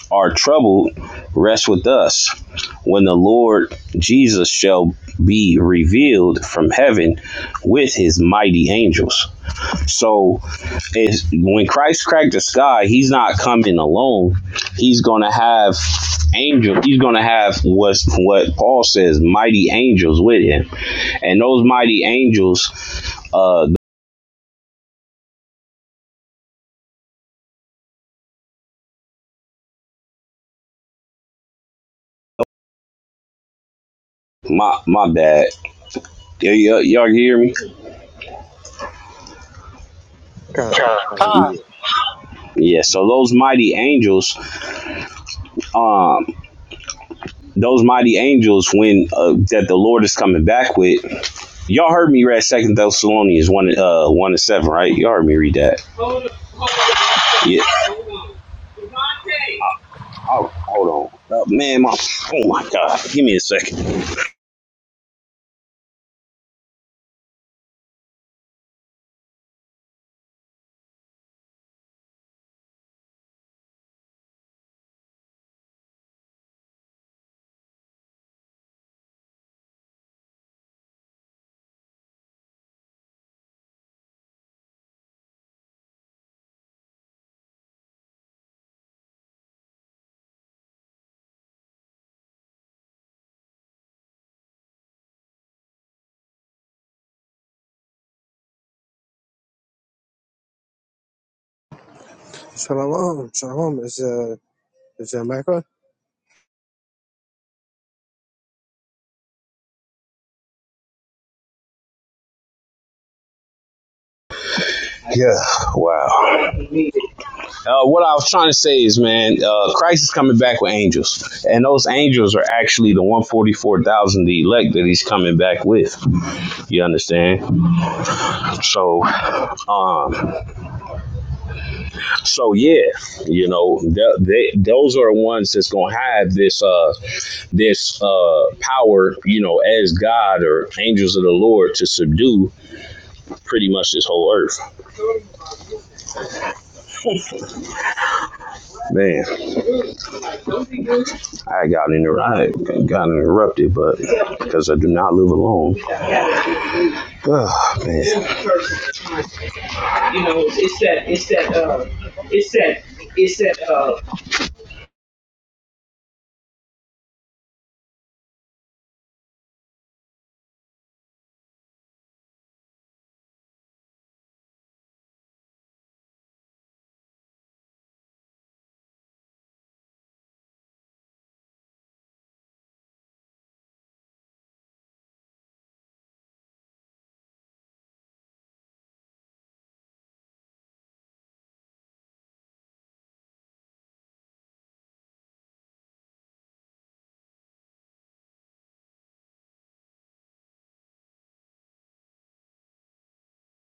C: are troubled, rest with us, when the Lord Jesus shall be revealed from heaven with his mighty angels." So it's, when Christ cracked the sky, he's not coming alone. He's going to have angels. He's going to have what's, what Paul says, mighty angels with him. And those mighty angels, uh, my, my bad. Y- y- y'all hear me?
D: Kind of, like,
B: Khan,
C: Yeah. So those mighty angels, those mighty angels, when uh, that the Lord is coming back with, Y'all heard me read Second Thessalonians one uh one and seven, right? Y'all heard me read that. Hold on, hold on. Yeah. Oh, hold on, uh, man. My, oh my God, give me a second.
D: Shalom, shalom. Is uh, is that Michael?
C: Yeah. Wow. Uh, what I was trying to say is, man, uh, Christ is coming back with angels, and those angels are actually the one forty four thousand, the elect that He's coming back with. You understand? So, um, so yeah, you know, th- they, those are ones that's gonna have this uh this uh power, you know, as God or angels of the Lord to subdue pretty much this whole earth. Man, I got inter- I got interrupted, but because I do not live alone. Ah, man, You know, it's that, it's that, uh, it's that, it's that, uh,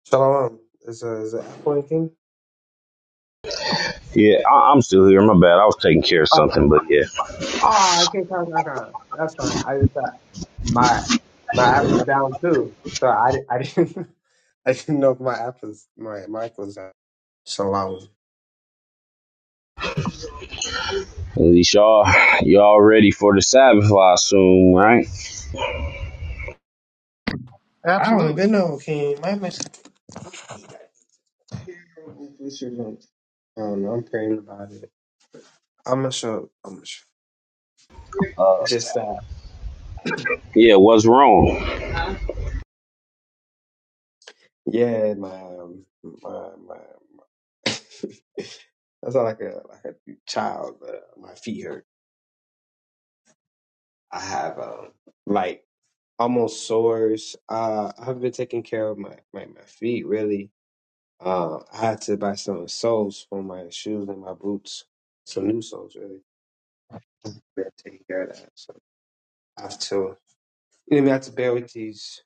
D: Shalom. Is uh, is that Apple anything?
C: yeah, I- I'm still here. My bad. I was taking care of something, but yeah.
D: oh, I can't talk about that. That's fine. I just thought my my app was down too, so I, di- I didn't. [LAUGHS] I didn't know if my app was my mic was out. Shalom.
C: At least y'all, y'all ready for the Sabbath, I assume, right?
D: I don't
B: absolutely.
D: even know. King. my mic? I don't know. I'm praying about it. I'm gonna show. I'm gonna show.
C: Uh,
D: It's Just that,
C: Yeah, what's wrong?
D: yeah, my, um, my, my, my [LAUGHS] I sound like a like a child, but uh, my feet hurt. I have um like almost sores. Uh, I've been taking care of my my, my feet really. Uh, I had to buy some soles for my shoes and my boots, some new soles really. I've been taking care of that. So I have to, you know, I have to bear with these.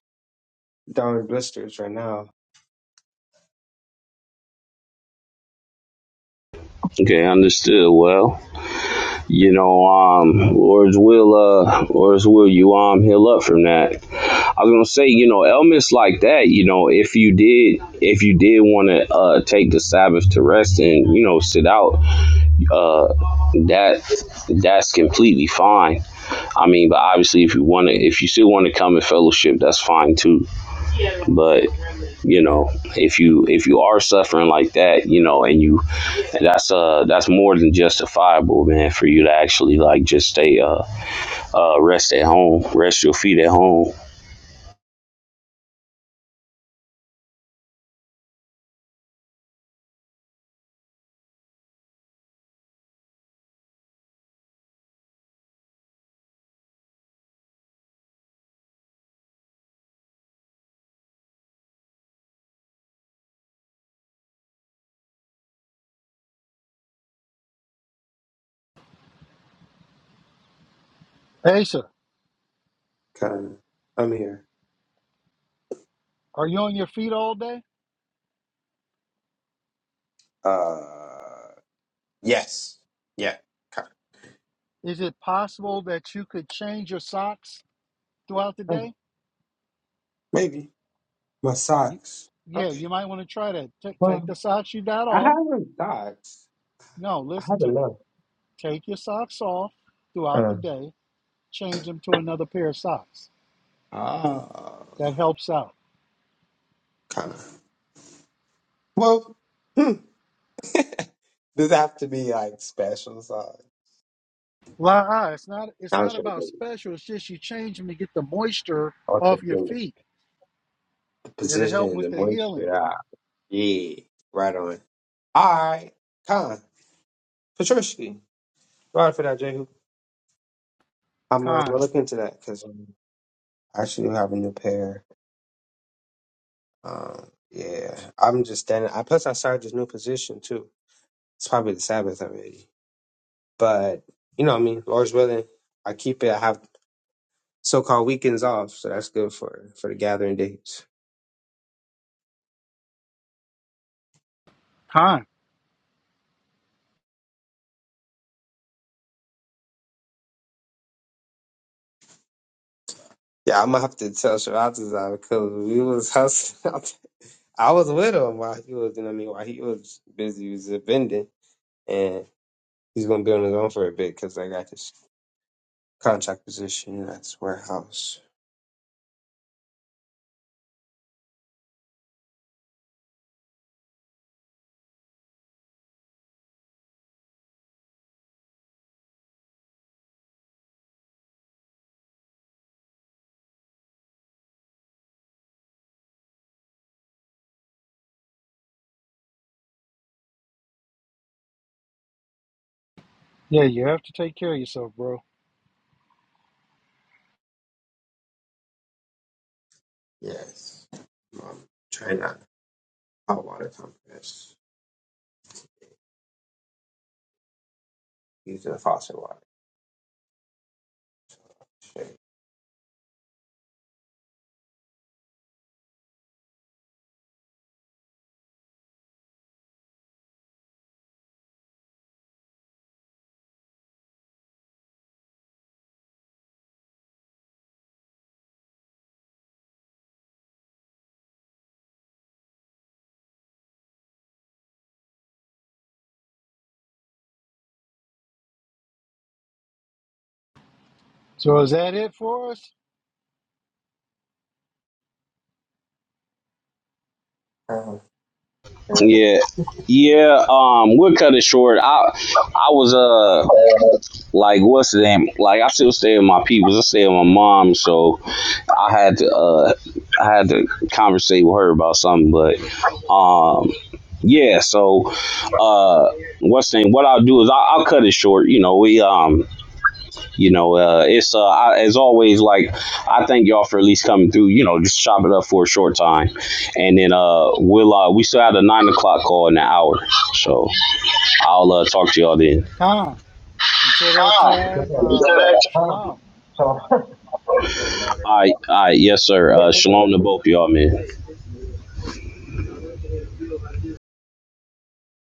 D: down in blisters right now.
C: Okay, understood. Well, you know, um, Lord's will, uh, Lord's will, you um, heal up from that. I was gonna say, you know, elements like that, you know, if you did, if you did want to uh, take the Sabbath to rest and you know sit out, uh, that that's completely fine. I mean, but obviously, if you want to, if you still want to come in fellowship, that's fine too. But you know, if you if you are suffering like that, you know, and you and that's uh that's more than justifiable, man, for you to actually like just stay uh uh rest at home, rest your feet at home.
B: Asa,
D: Kind of. I'm here.
B: are you on your feet all day?
D: Uh, yes. Yeah. Kind
B: Is it possible that you could change your socks throughout the
D: of. Oh,
B: day?
D: Maybe. My
B: You,
D: socks.
B: yeah,
D: Okay.
B: you might want to try that. Take, take
D: well,
B: the socks you got
D: I
B: off.
D: haven't socks.
B: No,
D: I
B: listen to
D: haven't
B: me.
D: left.
B: Take your socks off throughout the
D: Uh,
B: day. Change them to another pair of socks.
D: Ah,
B: That helps out.
D: kind of. Well, hmm. Does it have to be like special socks?
B: La, it's not it's
D: I'm
B: not
D: sure
B: about
D: the,
B: special. It's just you change them to get the moisture
D: also
B: off your
D: the,
B: feet.
D: the
B: It'll help
D: position,
B: with
D: the
B: the healing.
D: moisture. Ah, Yeah. Right on. All right. Con. Patricia. Sorry for that, Jehu. I'm, uh,
B: Con,
D: gonna look into that because. I should have a new pair. Um, yeah, I'm just standing. I plus I started this new position too. It's probably the Sabbath already, but you know, what I mean, Lord's willing, I keep it. I have so-called weekends off, so that's good for for the gathering days.
B: con.
D: Yeah, I'm gonna have to tell Sharatazar because we was [LAUGHS] hustling. Out there. I was with him while he was, you know, what I mean, while he was busy, he was vending, and he's gonna be on his own for a bit because I got this contract position at this warehouse.
B: Yeah, you have to take care of yourself, bro.
D: Yes. Um, try hot water compress. Using the faucet water. Shit.
B: So is that it for us?
D: Uh, uh,
C: Yeah. Yeah, um, we'll cut it short. I I was uh like what's the name? Like I still stay with my people. I stay with my mom, so I had to uh I had to conversate with her about something, but um yeah, so uh, what's the name? What I'll do is I'll, I'll cut it short. You know, we um, you know, uh, it's uh, I, as always. Like I thank y'all for at least coming through. You know, just chop it up for a short time, and then uh, we'll uh, we still have the nine o'clock call in an hour. So I'll uh, talk to y'all then.
B: Con. Until that
D: That's
B: time,
D: what
C: All
B: uh, shalom.
D: So, [LAUGHS] so,
C: right, all right, yes, sir. Uh,
D: uh,
C: shalom to both y'all, man.